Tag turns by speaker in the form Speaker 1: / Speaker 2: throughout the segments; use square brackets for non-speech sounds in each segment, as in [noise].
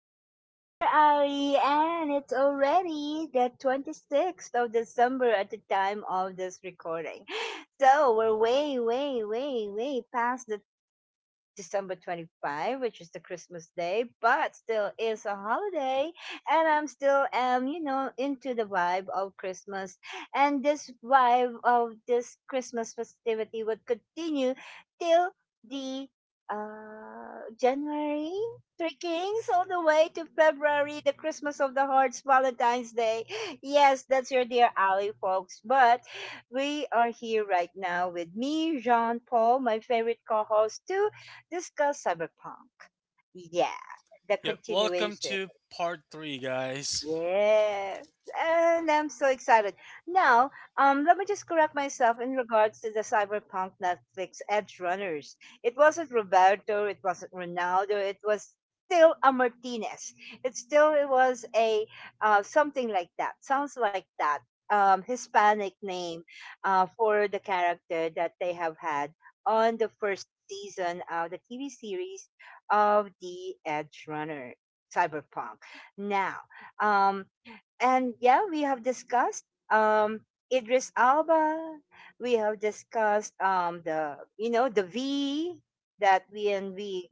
Speaker 1: This is your dear Ali, and it's already the 26th of December at the time of this recording. So we're way, way, way, way past the December 25, which is the Christmas day, but still is a holiday. And I'm still, you know, into the vibe of Christmas. And this vibe of this Christmas festivity would continue till the January, Three Kings, all the way to February, the Christmas of the Hearts, Valentine's Day. Yes, that's your dear Ali, folks. But we are here right now with me, Jean Paul, my favorite co host, too discuss cyberpunk. Yeah, the
Speaker 2: Yep. Welcome
Speaker 1: continuation.
Speaker 2: to part three, guys.
Speaker 1: Yes, and I'm so excited. Now, let me just correct myself in regards to the Cyberpunk Netflix Edge Runners. It wasn't Roberto, it wasn't Ronaldo, it was still a Martinez. It still it was a something like that. Sounds like that. Hispanic name for the character that they have had on the first season of the TV series of the Edge Runner Cyberpunk. Now, um, and yeah, we have discussed um, Idris Alba. We have discussed the you know the V that we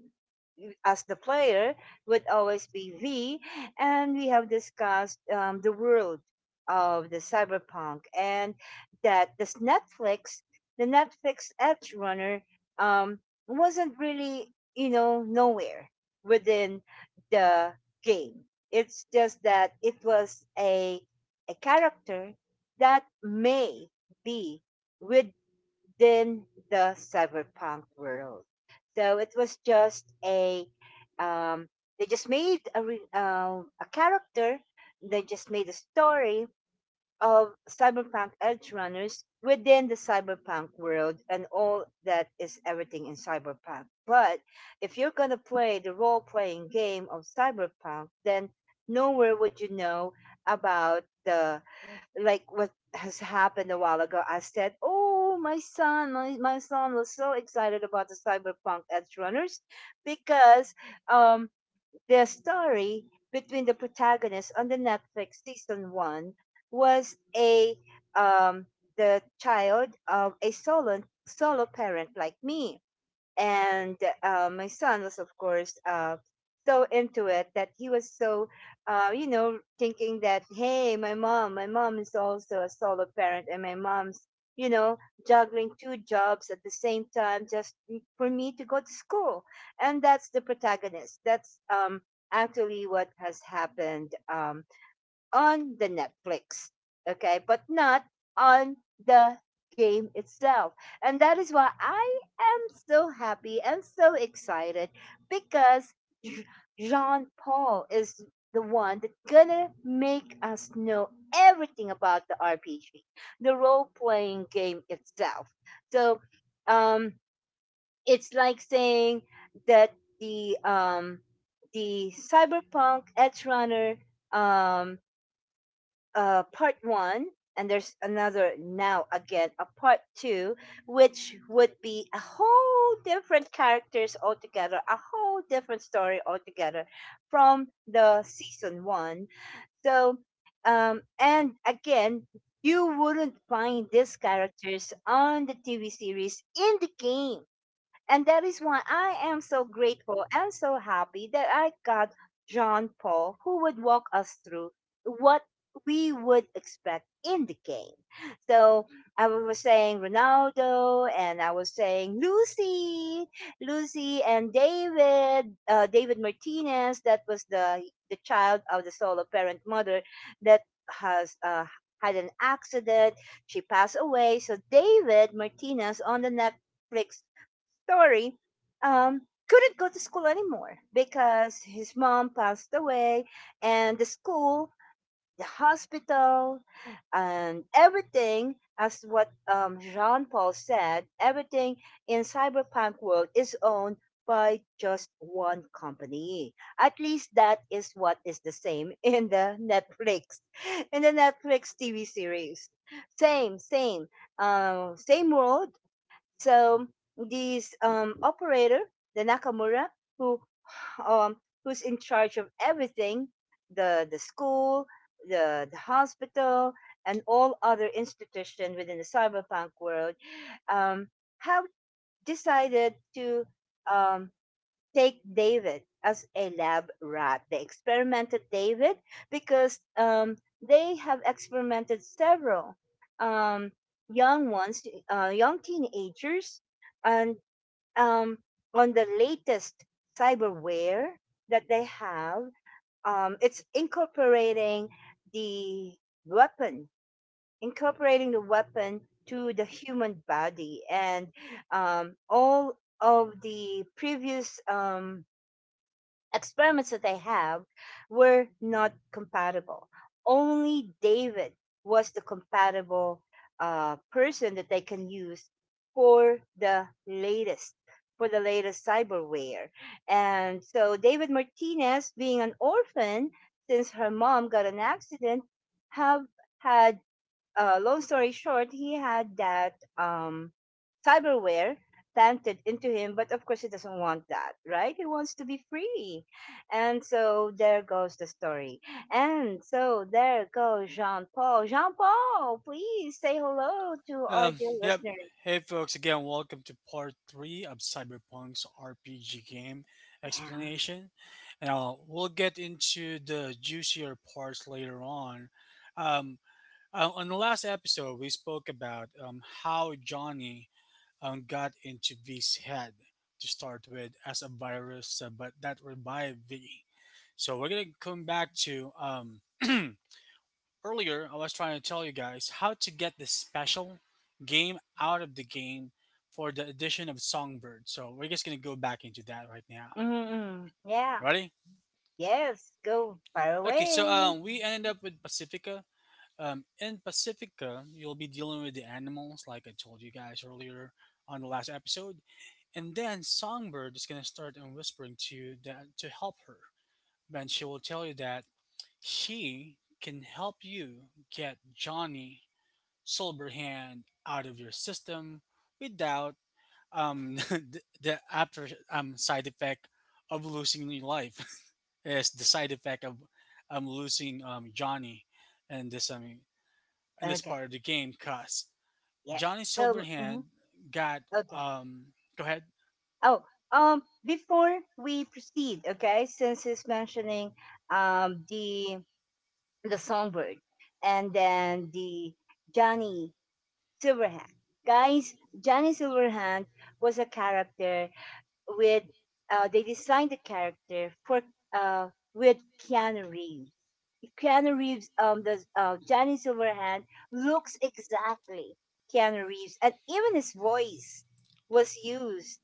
Speaker 1: as the player would always be V, and we have discussed the world of the cyberpunk and that this Netflix, the Netflix Edge Runner, um, wasn't really you know nowhere within the game. It's just that it was a character that may be with within the cyberpunk world. So it was just um, a a character, they just made a story, of cyberpunk edge runners within the cyberpunk world and all that is everything in cyberpunk. But if you're going to play the role playing game of cyberpunk, then nowhere would you know about the like what has happened a while ago. I said, "Oh, my son, my son was so excited about the cyberpunk edge runners because um the story between the protagonists on the Netflix season one was a um, the child of a solo parent like me and my son was of course so into it that he was so you know thinking that hey my mom is also a solo parent and my mom's you know juggling two jobs at the same time just for me to go to school and that's the protagonist that's actually what has happened on the Netflix, okay, but not on the game itself. And that is why I am so happy and so excited because J- Jean Paul is the one that's gonna make us know everything about the RPG, the role playing game itself. So, um, it's like saying that the um the cyberpunk edge runner um part one, and there's another now again a part two, which would be a whole different characters altogether, a whole different story altogether from the season one. So, and again, you wouldn't find these characters on the TV series in the game. And that is why I am so grateful and so happy that I got John Paul, who would walk us through what we would expect in the game. So I was saying Ronaldo, and I was saying Lucy, Lucy and David, David Martinez. That was the child of the solo parent mother that has had an accident. She passed away. So David Martinez on the Netflix story, um, couldn't go to school anymore because his mom passed away, and the school, the hospital, and everything, as what Jean Paul said, everything in cyberpunk world is owned by just one company. At least that is what is the same [laughs] in the Netflix TV series. Same, same, same world, so this operator, the Nakamura, who um, who's in charge of everything, the school, the hospital, and all other institutions within the cyberpunk world, um, have decided to um, take David as a lab rat. They experimented David because they have experimented several um, young ones, young teenagers, and um, on the latest cyberware that they have, it's the weapon, incorporating the weapon to the human body, and all of the previous experiments that they have were not compatible. Only David was the compatible person that they can use for the latest cyberware. And so David Martinez, being an orphan since her mom got an accident, have had, long story short, he had that cyberware planted into him, but of course he doesn't want that, right? He wants to be free. And so there goes the story. And so there goes Jean Paul. Jean Paul, please say hello to our dear
Speaker 2: Yep.
Speaker 1: listeners.
Speaker 2: Hey, folks. Again, welcome to part three of Cyberpunk's RPG game
Speaker 1: Yeah.
Speaker 2: explanation. Now we'll get into the juicier parts later on. Um. On the last episode, we spoke about how Johnny got into V's head to start with as a virus, but that revived V. So we're gonna come back to [clears throat] Earlier I was trying to tell you guys how to get the special game out of the game for the addition of Songbird. So we're just gonna go back into that right now.
Speaker 1: Mm. Yeah.
Speaker 2: Ready?
Speaker 1: Yes. Go far
Speaker 2: Okay, so
Speaker 1: away.
Speaker 2: we ended up with Pacifica. In Pacifica, you'll be dealing with the animals, like I told you guys earlier on the last episode, and then Songbird is gonna start and whispering to you that to help her. Then she will tell you that she can help you get Johnny sober hand out of your system without [laughs] the after side effect of losing your life. [laughs] Is the side effect of losing Johnny, and this I mean in this
Speaker 1: Okay.
Speaker 2: part of the game because
Speaker 1: Yes.
Speaker 2: Johnny
Speaker 1: So,
Speaker 2: Silverhand
Speaker 1: mhm.
Speaker 2: got,
Speaker 1: Okay.
Speaker 2: um go ahead.
Speaker 1: Oh, before we proceed, okay, since he's mentioning um the the songbird and then the Johnny Silverhand. Guys, Johnny Silverhand was a character with they designed the character for with Keanu Reeves. Keanu Reeves the Johnny Silverhand looks exactly Keanu Reeves and even his voice was used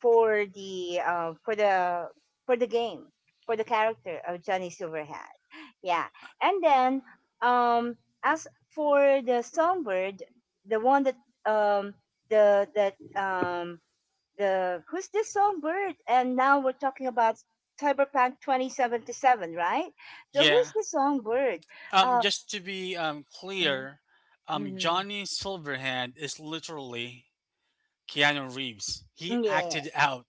Speaker 1: for the for the game for the character of Johnny Silverhand. Yeah, and then um, as for the songbird, the one that um, the that the who's the songbird? And now we're talking about Cyberpunk 2077, right? So
Speaker 2: Yeah,
Speaker 1: who's the songbird? Uh,
Speaker 2: just to be
Speaker 1: uh
Speaker 2: clear,
Speaker 1: mhm.
Speaker 2: Johnny Silverhand is literally Keanu Reeves. He
Speaker 1: Yeah,
Speaker 2: acted out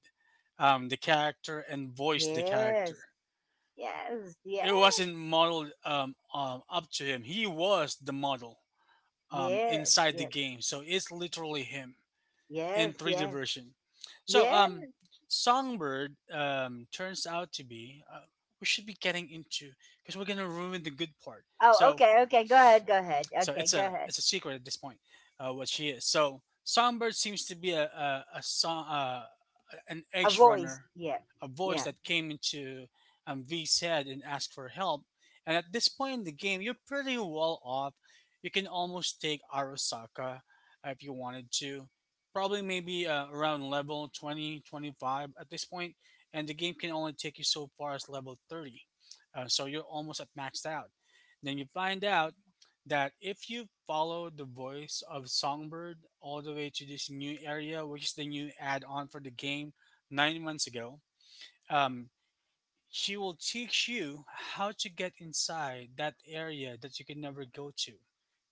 Speaker 2: the character and voiced the
Speaker 1: yes,
Speaker 2: character.
Speaker 1: yes, yes,
Speaker 2: It wasn't modeled up to him. He was the model
Speaker 1: yes,
Speaker 2: inside the
Speaker 1: yes,
Speaker 2: game, so it's literally him in
Speaker 1: yes,
Speaker 2: 3D
Speaker 1: yes.
Speaker 2: version. So,
Speaker 1: Yes.
Speaker 2: Songbird turns out to be. We should be getting into because we're gonna ruin the good part.
Speaker 1: Oh,
Speaker 2: So,
Speaker 1: okay, okay. Go ahead, go ahead.
Speaker 2: so
Speaker 1: Okay,
Speaker 2: it's
Speaker 1: go
Speaker 2: a
Speaker 1: ahead.
Speaker 2: it's a secret at this point, what she is. So Songbird seems to be a song, an
Speaker 1: A
Speaker 2: edge
Speaker 1: voice.
Speaker 2: runner,
Speaker 1: Yeah,
Speaker 2: a voice
Speaker 1: yeah.
Speaker 2: that came into V's head and asked for help. And at this point in the game, you're pretty well off. You can almost take Arasaka if you wanted to. Probably maybe around level 20-25 at this point, and the game can only take you so far as level 30. So you're almost at maxed out. Then you find out that if you follow the voice of Songbird all the way to this new area, which is the new add on for the game 9 months ago. um, she will teach you how to get inside that area that you could never go to.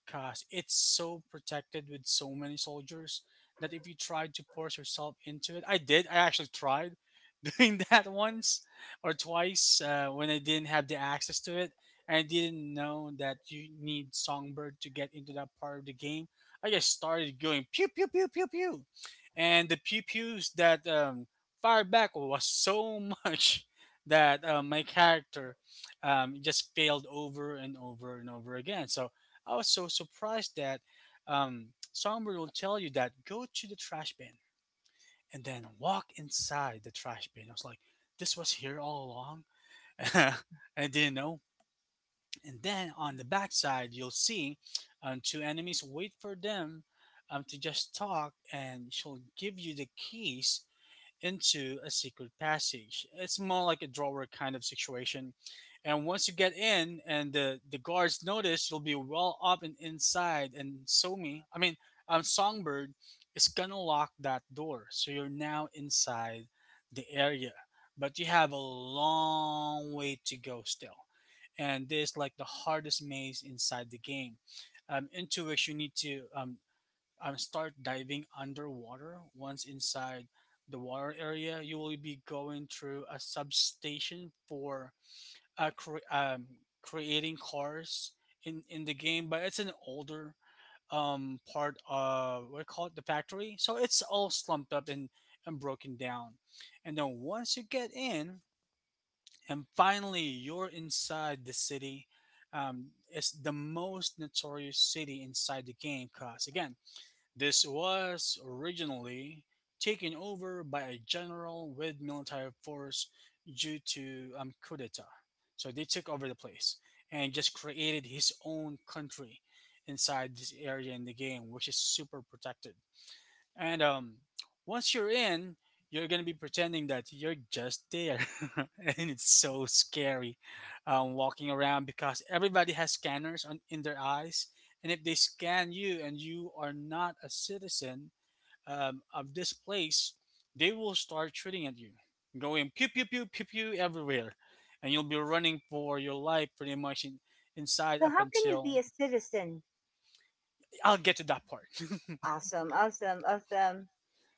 Speaker 2: Cause it's so protected with so many soldiers that if you tried to force yourself into it, I did. I actually tried [laughs] doing that once or twice when I didn't have the access to it. I didn't know that you need Songbird to get into that part of the game. I just started going pew pew pew pew pew, and the pew pews that fired back was so much [laughs] that my character just failed over and over and over again. So I was so surprised that Songbird will tell you that go to the trash bin and then walk inside the trash bin. I was like, this was here all along. [laughs] I didn't know. And then on the backside, you'll see two enemies, wait for them to just talk, and she'll give you the keys into a secret passage. It's more like a drawer kind of situation. And once you get in and the guards notice, you'll be well up and inside. And Somi, I mean, Songbird is gonna lock that door. So you're now inside the area. But you have a long way to go still. And this like the hardest maze inside the game, into which you need to start diving underwater. Once inside the water area, you will be going through a substation for uh, cre- um, creating cars in the game, but it's an older part of, what do you call it, the factory. So it's all slumped up and broken down. And then once you get in, and finally you're inside the city, it's the most notorious city inside the game because, again, this was originally taken over by a general with military force due to coup d'etat. So they took over the place and just created his own country inside this area in the game, which is super protected. And once you're in, you're gonna be pretending that you're just there, [laughs] and it's so scary, walking around because everybody has scanners on in their eyes, and if they scan you and you are not a citizen of this place, they will start shooting at you, going pew pew pew pew pew everywhere, and you'll be running for your life pretty much inside
Speaker 1: So
Speaker 2: up
Speaker 1: how can you be
Speaker 2: until
Speaker 1: a citizen?
Speaker 2: I'll get to that part.
Speaker 1: Awesome, awesome, awesome.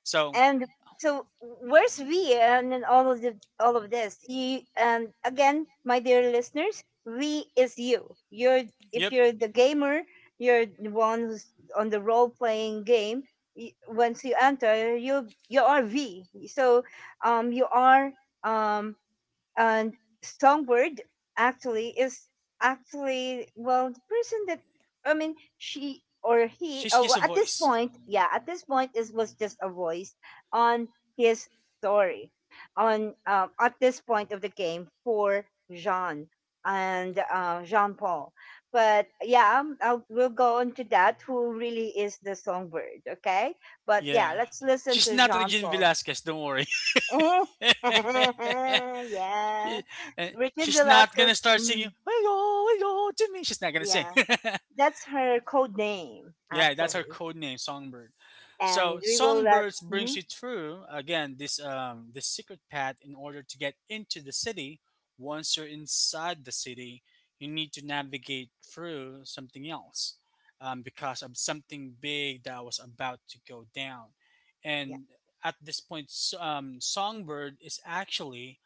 Speaker 2: [laughs] So.
Speaker 1: And so where's we and in all of the all of this? You, and again, my dear listeners, we is you. You're if
Speaker 2: Yep.
Speaker 1: you're the gamer, you're the one who's on the role playing game. Once you enter, you are we. So you are um and songbird actually is actually, well, the person that I mean, she or he,
Speaker 2: She's
Speaker 1: or
Speaker 2: just
Speaker 1: well,
Speaker 2: a
Speaker 1: at this
Speaker 2: voice.
Speaker 1: point, yeah, at this point it was just a voice on his story on, at this point of the game for Jean and Jean Paul. But yeah, I'll, we'll go into that, who really is the songbird, okay, but yeah,
Speaker 2: Yeah.
Speaker 1: let's listen
Speaker 2: She's
Speaker 1: to
Speaker 2: not
Speaker 1: Jean
Speaker 2: Regine
Speaker 1: Paul.
Speaker 2: Velasquez, don't worry.
Speaker 1: [laughs]
Speaker 2: [laughs]
Speaker 1: Yeah.
Speaker 2: She- and
Speaker 1: Rican
Speaker 2: she's not gonna
Speaker 1: Velasquez,
Speaker 2: start
Speaker 1: mm,
Speaker 2: singing, we go to me. She's not gonna sing.
Speaker 1: yeah,
Speaker 2: [laughs]
Speaker 1: that's her code name
Speaker 2: Yeah, that's our
Speaker 1: actually,
Speaker 2: code name, Songbird. So
Speaker 1: and we will let.
Speaker 2: Songbirds brings
Speaker 1: Mhm.
Speaker 2: you through again this secret path in order to get into the city. Once you're inside the city, you need to navigate through something else, because of something big that was about to go down.
Speaker 1: Yeah,
Speaker 2: And at this point, Songbird is actually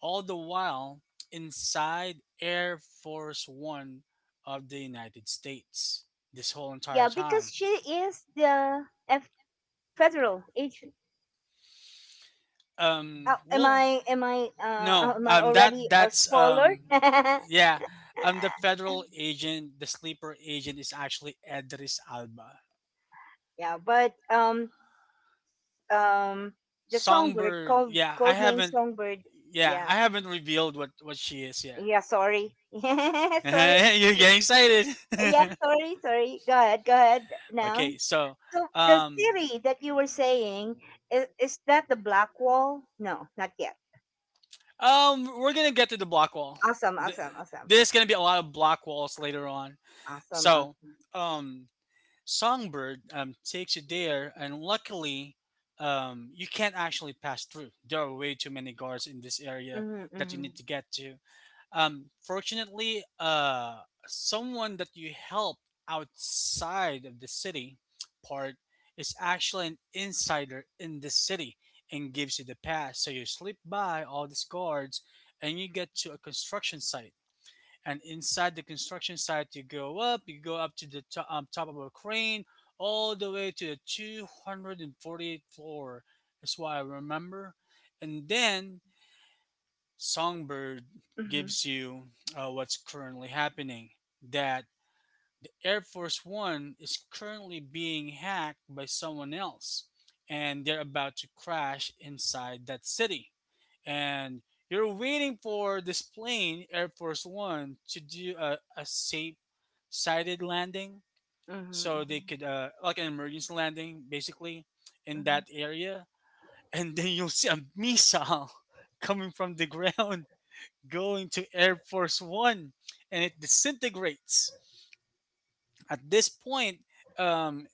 Speaker 2: all the while inside Air Force One of the United States this whole entire
Speaker 1: yeah, because
Speaker 2: time.
Speaker 1: she is the federal agent. Uh, am
Speaker 2: Well,
Speaker 1: I? Am I? Uh,
Speaker 2: no.
Speaker 1: am I
Speaker 2: Um, that
Speaker 1: already a
Speaker 2: that's
Speaker 1: spoiler? [laughs]
Speaker 2: yeah. The federal agent, the sleeper agent, is actually Edris Alba.
Speaker 1: Yeah, but um, the songbird
Speaker 2: Songbird.
Speaker 1: called
Speaker 2: Yeah, I
Speaker 1: code name
Speaker 2: haven't.
Speaker 1: songbird.
Speaker 2: Yeah,
Speaker 1: Yeah,
Speaker 2: I haven't revealed what she is yet.
Speaker 1: yeah. Sorry, [laughs]
Speaker 2: [laughs]
Speaker 1: sorry.
Speaker 2: You're getting excited.
Speaker 1: Yeah,
Speaker 2: [laughs]
Speaker 1: sorry, sorry. Go ahead now.
Speaker 2: Okay, so
Speaker 1: So the
Speaker 2: um,
Speaker 1: city that you were saying is that the black wall? No, not yet.
Speaker 2: we're gonna get to the block wall.
Speaker 1: Awesome,
Speaker 2: Th-
Speaker 1: awesome, awesome,
Speaker 2: There's gonna be a lot of block walls later on.
Speaker 1: awesome,
Speaker 2: So
Speaker 1: awesome.
Speaker 2: um, Songbird takes you there, and luckily, you can't actually pass through. There are way too many guards in this area
Speaker 1: Mm-hmm,
Speaker 2: that you
Speaker 1: mm-hmm,
Speaker 2: need to get to. Fortunately, someone that you help outside of the city part is actually an insider in the city and gives you the pass. So you slip by all these guards, and you get to a construction site, and inside the construction site you go up to the top of a crane all the way to the 248th floor. That's what I remember. And then Songbird
Speaker 1: mm-hmm,
Speaker 2: gives you what's currently happening, that the Air Force One is currently being hacked by someone else, and they're about to crash inside that city. And you're waiting for this plane, Air Force One, to do a safe sided landing
Speaker 1: mm-hmm,
Speaker 2: so they
Speaker 1: mm-hmm,
Speaker 2: could, like an emergency landing, basically, in
Speaker 1: mm-hmm.
Speaker 2: that area. [laughs] And then you'll see a missile [laughs] coming from the ground [laughs] going to Air Force One, and it disintegrates. At this point, um,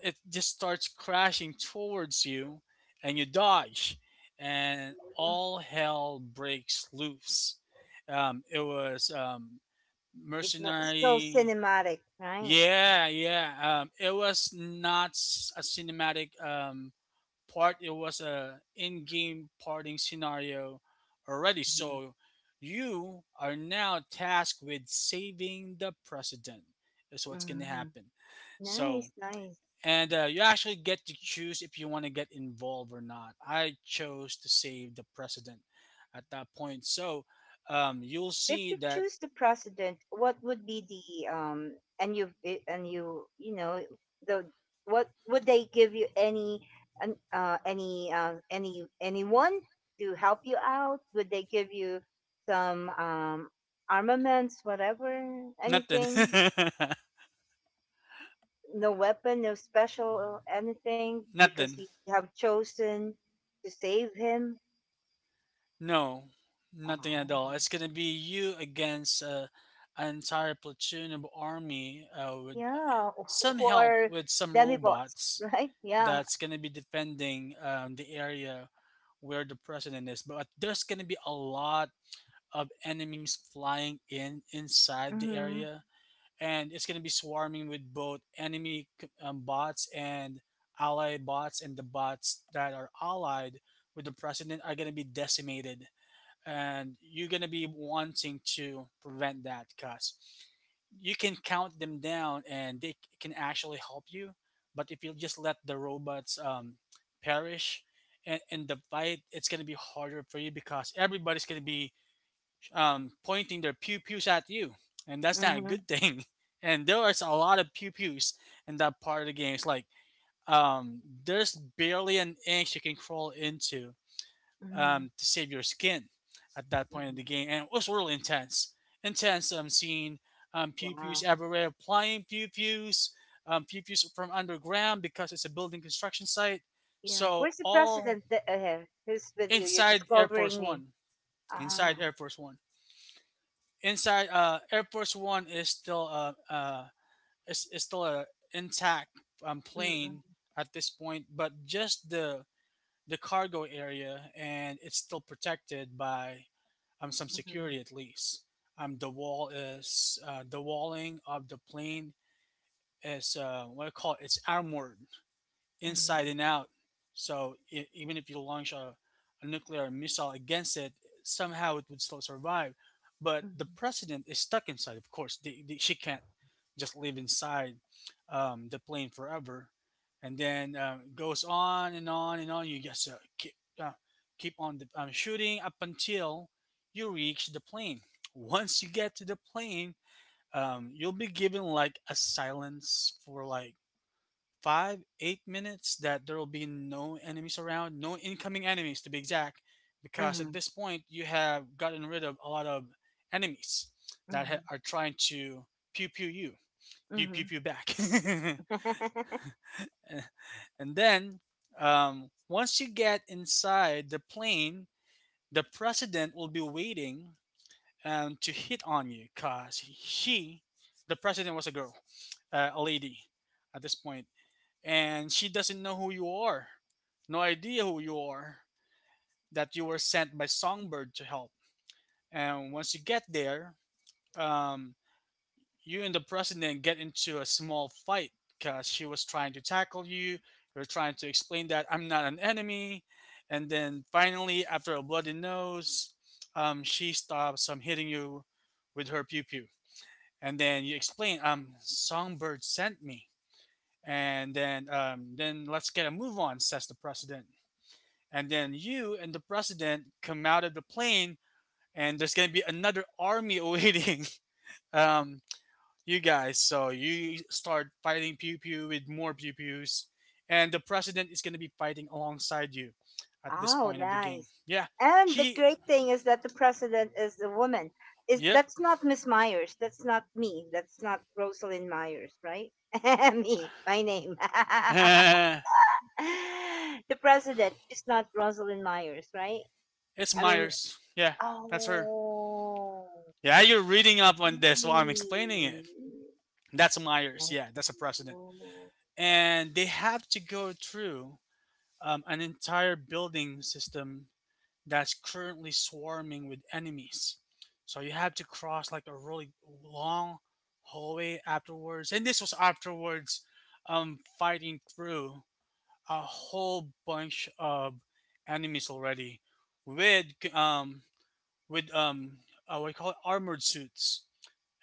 Speaker 2: it just starts crashing towards you, and you dodge, and all hell breaks loose. It was
Speaker 1: It's not, it's so
Speaker 2: mercenary.
Speaker 1: cinematic, right?
Speaker 2: Yeah, yeah. It was not a cinematic part, it was a in-game parting scenario already.
Speaker 1: Mm-hmm,
Speaker 2: So you are now tasked with saving the president. Is what's going to
Speaker 1: mm-hmm.
Speaker 2: happen. So,
Speaker 1: Nice, nice.
Speaker 2: and you actually get to choose if you want to get involved or not. I chose to save the president at that point. So you'll
Speaker 1: If
Speaker 2: see
Speaker 1: you
Speaker 2: that
Speaker 1: choose the president, what would be the and you and you know the what would they give you, any any anyone to help you out? Would they give you some armaments, whatever,
Speaker 2: nothing,
Speaker 1: anything? No weapon, no special anything,
Speaker 2: [laughs]
Speaker 1: because
Speaker 2: nothing.
Speaker 1: you have chosen to save him.
Speaker 2: No, nothing at
Speaker 1: Oh.
Speaker 2: all. It's gonna be you against, an entire platoon of army, with
Speaker 1: Yeah,
Speaker 2: some
Speaker 1: who
Speaker 2: help
Speaker 1: are
Speaker 2: with some
Speaker 1: demibots, [laughs]
Speaker 2: robots,
Speaker 1: right? Yeah.
Speaker 2: that's gonna be defending the area where the president is. But there's gonna be a lot of enemies flying in inside the
Speaker 1: Hmm.
Speaker 2: area, and it's gonna be swarming with both enemy bots and ally bots, and the bots that are allied with the president are gonna be decimated, and you're going to be wanting to prevent that because you can count them down and can actually help you. But if you just let the robots perish in the fight, it's going to be harder for you because everybody's going to be pointing their pew pews at you, and that's not a
Speaker 1: Mhm,
Speaker 2: good thing. [laughs] And there is a lot of pew pews in that part of the game. It's like there's barely an inch you can crawl into
Speaker 1: mhm,
Speaker 2: to save your skin at that point in
Speaker 1: mhm.
Speaker 2: the game, and it was really intense. Intense. I'm seeing pew pews
Speaker 1: Wow.
Speaker 2: everywhere, flying pew pews from underground because it's a building construction site.
Speaker 1: Yeah.
Speaker 2: So
Speaker 1: Where's the
Speaker 2: all
Speaker 1: president, that, who's with you? You're
Speaker 2: inside
Speaker 1: just
Speaker 2: Air Force
Speaker 1: covering me.
Speaker 2: One, inside
Speaker 1: Ah.
Speaker 2: Air Force One, inside Air Force One is still is still a intact
Speaker 1: Mm-mm,
Speaker 2: plane at this point, but just the cargo area, and it's still protected by some
Speaker 1: mm-mm,
Speaker 2: security at least. The wall is, the walling of the plane is, what I call it, it's armored inside and
Speaker 1: mm-mm,
Speaker 2: out. So even if you launch a nuclear missile against it, somehow it would still survive. But the president is stuck inside. Of course, she can't just live inside the plane forever. And then goes on and on and on. You just uh, keep on shooting up until you reach the plane. Once you get to the plane, you'll be given like a silence for like 5, 8 minutes that there will be no enemies around, no incoming enemies to be exact, because at
Speaker 1: mm-mm,
Speaker 2: this point you have gotten rid of a lot of enemies that
Speaker 1: mm-mm,
Speaker 2: are trying to pew pew you, you pew
Speaker 1: mm-mm.
Speaker 2: pew back. [laughs]
Speaker 1: [laughs]
Speaker 2: And then once you get inside the plane, the president will be waiting to hit on you because she, the president, was a girl, a lady at this point. And she doesn't know who you are. No idea who you are, that you were sent by Songbird to help. And once you get there, um, you and the president get into a small fight because she was trying to tackle you. You're trying to explain that I'm not an enemy. And then finally, after a bloody nose, she stops hitting you with her pew pew. And then you explain, Songbird sent me. And then let's get a move on, says the president. And then you and the president come out of the plane, and there's gonna be another army [laughs] awaiting um, you guys, so you start fighting pew pew with more pew pews, and the president is gonna be fighting alongside you at this
Speaker 1: Oh,
Speaker 2: point of the game.
Speaker 1: nice.
Speaker 2: Yeah.
Speaker 1: And the
Speaker 2: She.
Speaker 1: great thing is that the president is a woman. Is
Speaker 2: Yep.
Speaker 1: that's not Miss Myers. That's not me. That's not Rosalind Myers, right? [laughs] me, my name.
Speaker 2: [laughs]
Speaker 1: [laughs] The president. She's not Rosalind Myers, right?
Speaker 2: It's
Speaker 1: I mean,
Speaker 2: Myers, yeah. That's her.
Speaker 1: oh.
Speaker 2: Yeah, you're reading up on this while I'm explaining it. That's Myers, yeah. That's a president.
Speaker 1: Oh.
Speaker 2: And they have to go through an entire building system that's currently swarming with enemies. So you have to cross like a really long hallway afterwards. And this was afterwards fighting through a whole bunch of enemies already with um, with what do you call it, armored suits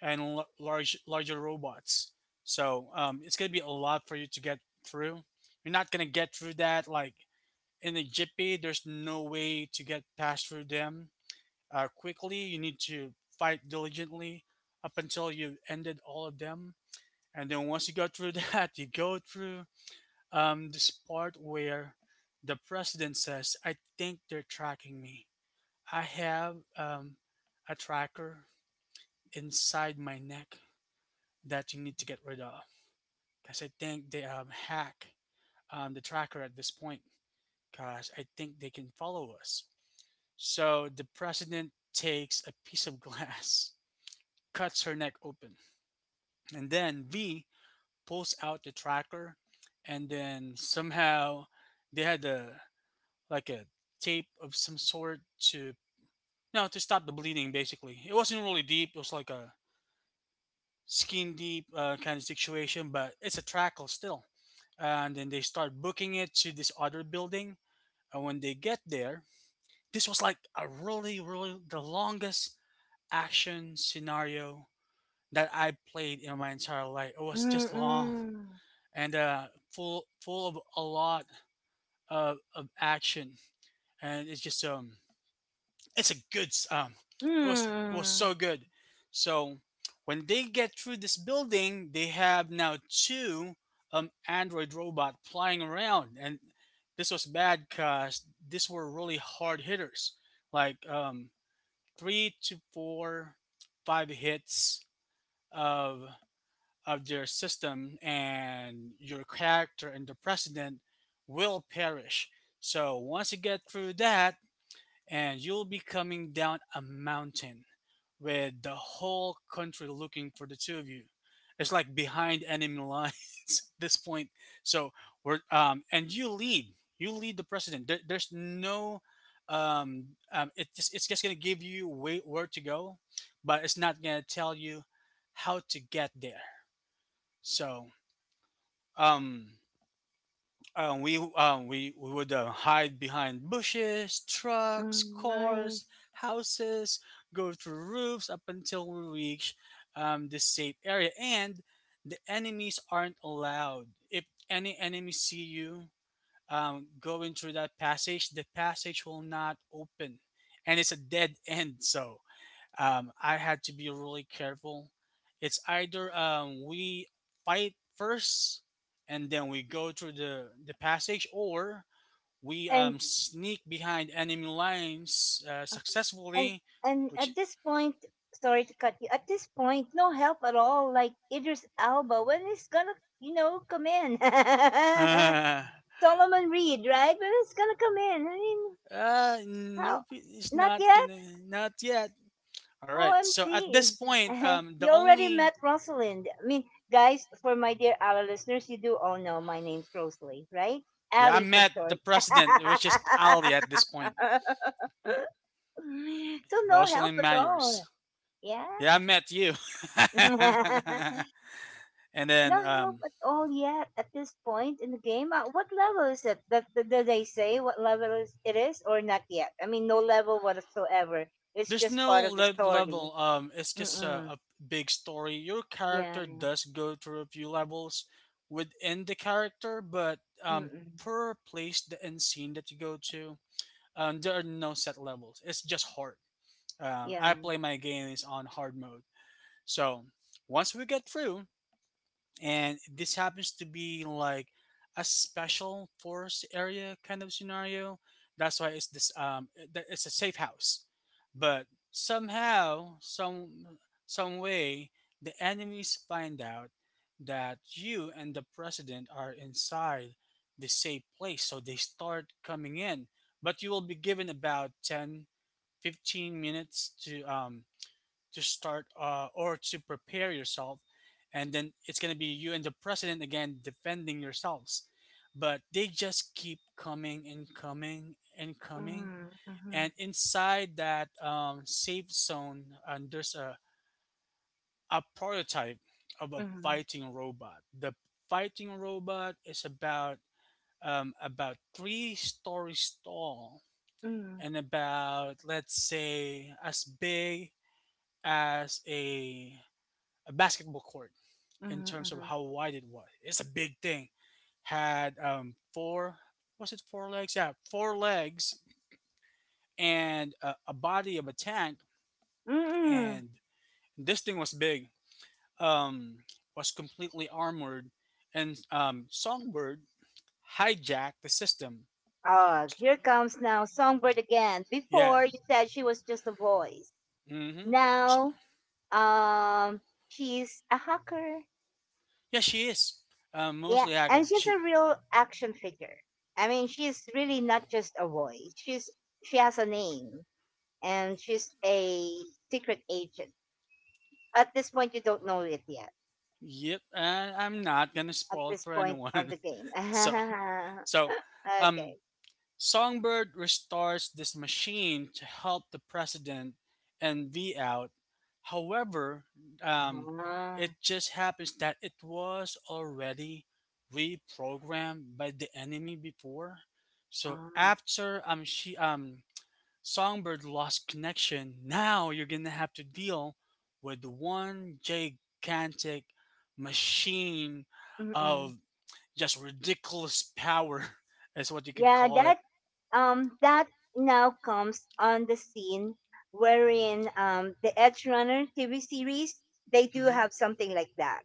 Speaker 2: and larger robots. So it's gonna be a lot for you to get through. You're not gonna get through that like in a jiffy. There's no way to get past through them quickly. You need to fight diligently up until you've ended all of them. And then once you go through that, [laughs] you go through this part where the president says, "I think they're tracking me. I have a tracker inside my neck that you need to get rid of. Because I think they hack the tracker at this point. Because I think they can follow us." So the president takes a piece of glass, [laughs] cuts her neck open, and then V pulls out the tracker, and then somehow they had a like a tape of some sort to, no, to stop the bleeding. Basically, it wasn't really deep; it was like a skin deep kind of situation, but it's a tracker still. And then they start booking it to this other building, and when they get there, this was like a really, really the longest action scenario that I played in my entire life. It was just long
Speaker 1: Mm.
Speaker 2: and full of a lot of action, and it's just it's a good it was
Speaker 1: Hmm.
Speaker 2: so good. So when they get through this building, they have now two android robot flying around, and this was bad because these were really hard hitters, like 3 to 4, 5 hits of of their system and your character and the precedent will perish. So once you get through that, and you'll be coming down a mountain with the whole country looking for the two of you. It's like behind enemy lines [laughs] at this point. So we're and you lead the president. There's no, it's just gonna give you way where to go, but it's not gonna tell you how to get there. So um, we would hide behind bushes, trucks,
Speaker 1: Mm, nice.
Speaker 2: cars, houses, go through roofs up until we reach the safe area. And the enemies aren't allowed. If any enemies see you going through that passage, the passage will not open, and it's a dead end. So I had to be really careful. It's either we fight first and then we go through the passage, or we
Speaker 1: And
Speaker 2: sneak behind enemy lines
Speaker 1: ah. and
Speaker 2: successfully,
Speaker 1: and
Speaker 2: which
Speaker 1: at this point, sorry to cut you. At this point, no help at all. Like Idris Alba, when is gonna you know come in?
Speaker 2: [laughs] uh,
Speaker 1: [laughs] Solomon Reed, right? When is gonna come in? I mean, how?
Speaker 2: nope, it's
Speaker 1: Not
Speaker 2: not
Speaker 1: yet.
Speaker 2: gonna, not yet. All right, so at this
Speaker 1: OMG.
Speaker 2: point,
Speaker 1: [laughs]
Speaker 2: the
Speaker 1: You already
Speaker 2: only.
Speaker 1: met Rosalind. I mean, guys, for my dear Ali listeners, you do all know my name's Rosalie, right?
Speaker 2: Yeah, I
Speaker 1: Ally for
Speaker 2: met the
Speaker 1: short.
Speaker 2: president, which is Ali at this
Speaker 1: [laughs]
Speaker 2: point,
Speaker 1: So no help
Speaker 2: Rosalind
Speaker 1: at all.
Speaker 2: Myers.
Speaker 1: Yeah.
Speaker 2: Yeah, I met you.
Speaker 1: [laughs] No
Speaker 2: [laughs] And then
Speaker 1: help at all yet at this point in the game. What level is it? Did they say what level is it is or not yet? I mean, no level whatsoever. It's
Speaker 2: there's
Speaker 1: just
Speaker 2: no
Speaker 1: part of the story.
Speaker 2: level. It's just a,
Speaker 1: Mm-mm.
Speaker 2: a big story. Your
Speaker 1: Yeah.
Speaker 2: character does go through a few levels within the character, but
Speaker 1: Mm-mm.
Speaker 2: per place the end scene that you go to, there are no set levels. It's just hard. Um,
Speaker 1: Yeah.
Speaker 2: I play my games on hard mode, so once we get through, and this happens to be like a special forest area kind of scenario. That's why it's this it- that- it's a safe house, but somehow some way the enemies find out that you and the president are inside the safe place, so they start coming in, but you will be given about 10-15 minutes to start, or to prepare yourself, and then it's going to be you and the president again defending yourselves, but they just keep coming and coming and coming.
Speaker 1: Mhm, mhm,
Speaker 2: And inside that safe zone, and there's a prototype of a
Speaker 1: mhm,
Speaker 2: fighting robot. The fighting robot is about about 3 stories tall,
Speaker 1: mhm,
Speaker 2: and about, let's say, as big as a basketball court in
Speaker 1: mhm,
Speaker 2: terms of
Speaker 1: mhm.
Speaker 2: how wide it was. It's a big thing. Had four, was it 4 legs? Yeah, 4 legs and a body of a tank.
Speaker 1: Mm.
Speaker 2: And this thing was big. Um, was completely armored, and Songbird hijacked the system.
Speaker 1: Ugh, here comes now Songbird again.
Speaker 2: Yeah.
Speaker 1: Before you said she was just a voice.
Speaker 2: Mm-hmm.
Speaker 1: Now, um, she's a hacker.
Speaker 2: Yeah, she is. Um,
Speaker 1: Yeah,
Speaker 2: mostly
Speaker 1: and
Speaker 2: hacker.
Speaker 1: she's a
Speaker 2: She.
Speaker 1: real action figure. I mean, she's really not just a voice. She's, she has a name, and she's a secret agent. At this point, you don't know it yet.
Speaker 2: Yep. And I'm not gonna
Speaker 1: At
Speaker 2: spoil it
Speaker 1: this
Speaker 2: for
Speaker 1: point of
Speaker 2: anyone.
Speaker 1: the game. [laughs]
Speaker 2: [laughs] so, so, um,
Speaker 1: Okay.
Speaker 2: Songbird restores this machine to help the president and V out. However, um,
Speaker 1: Ah.
Speaker 2: it just happens that it was already reprogrammed by the enemy before. So
Speaker 1: Ah,
Speaker 2: after she Songbird lost connection, now you're gonna have to deal with one gigantic machine
Speaker 1: mm-mm.
Speaker 2: of just ridiculous power, [laughs] is what you could
Speaker 1: Yeah,
Speaker 2: call it.
Speaker 1: that um that now comes on the scene wherein the Edge Runner TV series, they do
Speaker 2: Hmm.
Speaker 1: have something like that.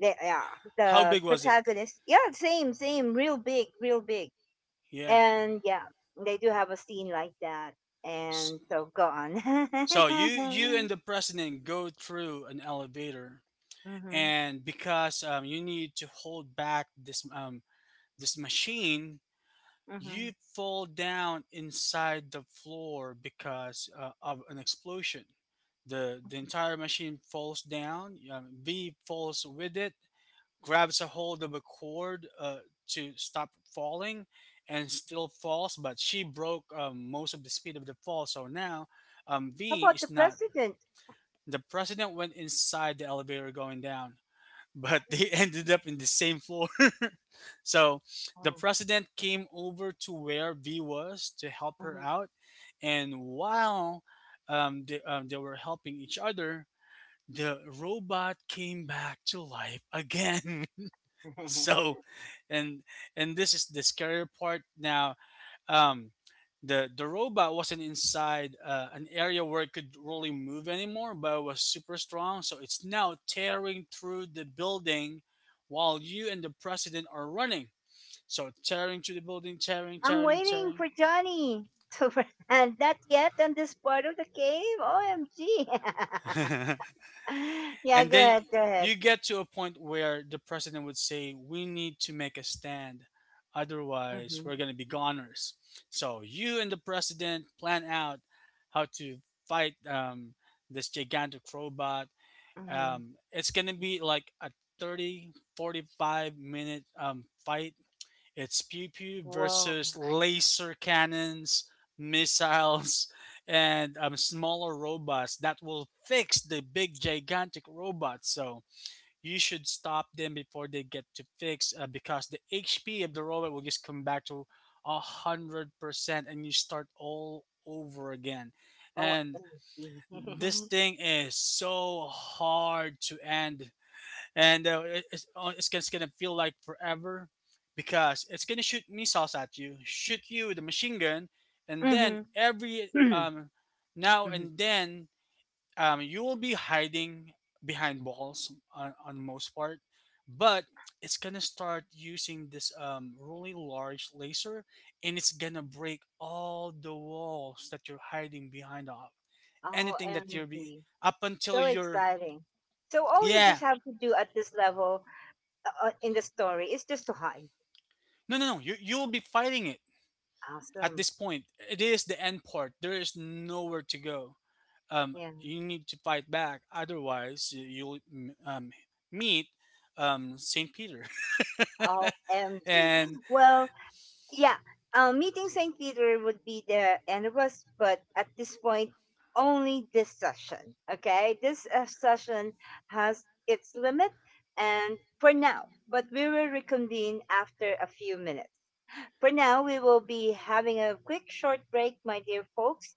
Speaker 1: They, yeah,
Speaker 2: How
Speaker 1: the
Speaker 2: big was it?
Speaker 1: protagonist. Yeah, same, same, real big, real big,
Speaker 2: Yeah.
Speaker 1: and yeah, they do have a scene like that. And
Speaker 2: S-
Speaker 1: so go on. [laughs]
Speaker 2: So you and the president go through an elevator,
Speaker 1: Mhm,
Speaker 2: and because you need to hold back this machine,
Speaker 1: mhm.
Speaker 2: you fall down inside the floor because of an explosion. The entire machine falls down. V falls with it, grabs a hold of a cord to stop falling and still falls, but she broke most of the speed of the fall. So now
Speaker 1: How
Speaker 2: V
Speaker 1: about the
Speaker 2: is not.
Speaker 1: president?
Speaker 2: The president went inside the elevator going down, [laughs] but they ended up in the same floor. [laughs] So the
Speaker 1: Oh,
Speaker 2: president came over to where V was to help her
Speaker 1: mhm.
Speaker 2: out. And while they were helping each other, the robot came back to life again. [laughs] [laughs]
Speaker 1: [laughs]
Speaker 2: so and and this is the scary part now. Um the the robot wasn't inside an area where it could really move anymore, but it was super strong, so it's now tearing through the building while you and the president are running, so tearing through the building, tearing,
Speaker 1: I'm
Speaker 2: tearing,
Speaker 1: waiting
Speaker 2: tearing.
Speaker 1: for Johnny. So, [laughs] and not yet on this part of the game. OMG.
Speaker 2: [laughs]
Speaker 1: [laughs] Yeah,
Speaker 2: And
Speaker 1: go
Speaker 2: then
Speaker 1: ahead. Go ahead.
Speaker 2: you get to a point where the president would say, "We need to make a stand, otherwise
Speaker 1: Mm-hmm.
Speaker 2: we're going to be goners." So you and the president plan out how to fight this gigantic robot.
Speaker 1: Mm-hmm.
Speaker 2: It's going to be like a 30, 45 minute fight. It's pew pew
Speaker 1: Whoa.
Speaker 2: versus laser cannons, [laughs] missiles, and smaller robots that will fix the big gigantic robots. So you should stop them before they get to fix, because the HP of the robot will just come back to 100%, and you start all over again. And
Speaker 1: OMG.
Speaker 2: this
Speaker 1: [laughs]
Speaker 2: thing is so hard to end, and it's gonna feel like forever, because it's gonna shoot missiles at you, shoot you with a machine gun, and then every
Speaker 1: Mm-hmm. [clears throat]
Speaker 2: now
Speaker 1: Mm-hmm.
Speaker 2: and then you will be hiding behind walls on most part, but it's gonna start using this really large laser, and it's gonna break all the walls that you're hiding behind of, anything that you're be
Speaker 1: OMG.
Speaker 2: up until
Speaker 1: So
Speaker 2: you're.
Speaker 1: exciting. So, all you just
Speaker 2: Yeah.
Speaker 1: have to do at this level in the story is just to hide.
Speaker 2: No, no, no, you'll be fighting it at
Speaker 1: Awesome.
Speaker 2: this point. It is the end part. There is nowhere to go. Um,
Speaker 1: Yeah.
Speaker 2: you need to fight back, otherwise you'll um, meet Saint Peter, [laughs]
Speaker 1: OMG.
Speaker 2: and
Speaker 1: Well, yeah, meeting Saint Peter would be the end of us, but at this point, only this session. Okay, this session has its limit, and for now. But we will reconvene after a few minutes. For now, we will be having a quick short break, my dear folks.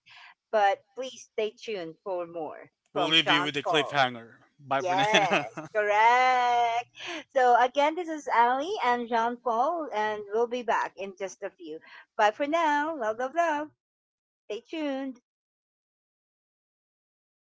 Speaker 1: But please stay tuned for more
Speaker 2: we'll
Speaker 1: from
Speaker 2: leave you
Speaker 1: Sean
Speaker 2: with a
Speaker 1: Paul.
Speaker 2: cliffhanger. Bye for
Speaker 1: Yes,
Speaker 2: now. [laughs]
Speaker 1: correct. So again, this is Ali and Jean Paul, and we'll be back in just a few. Bye for now. Love, love, love. Stay tuned.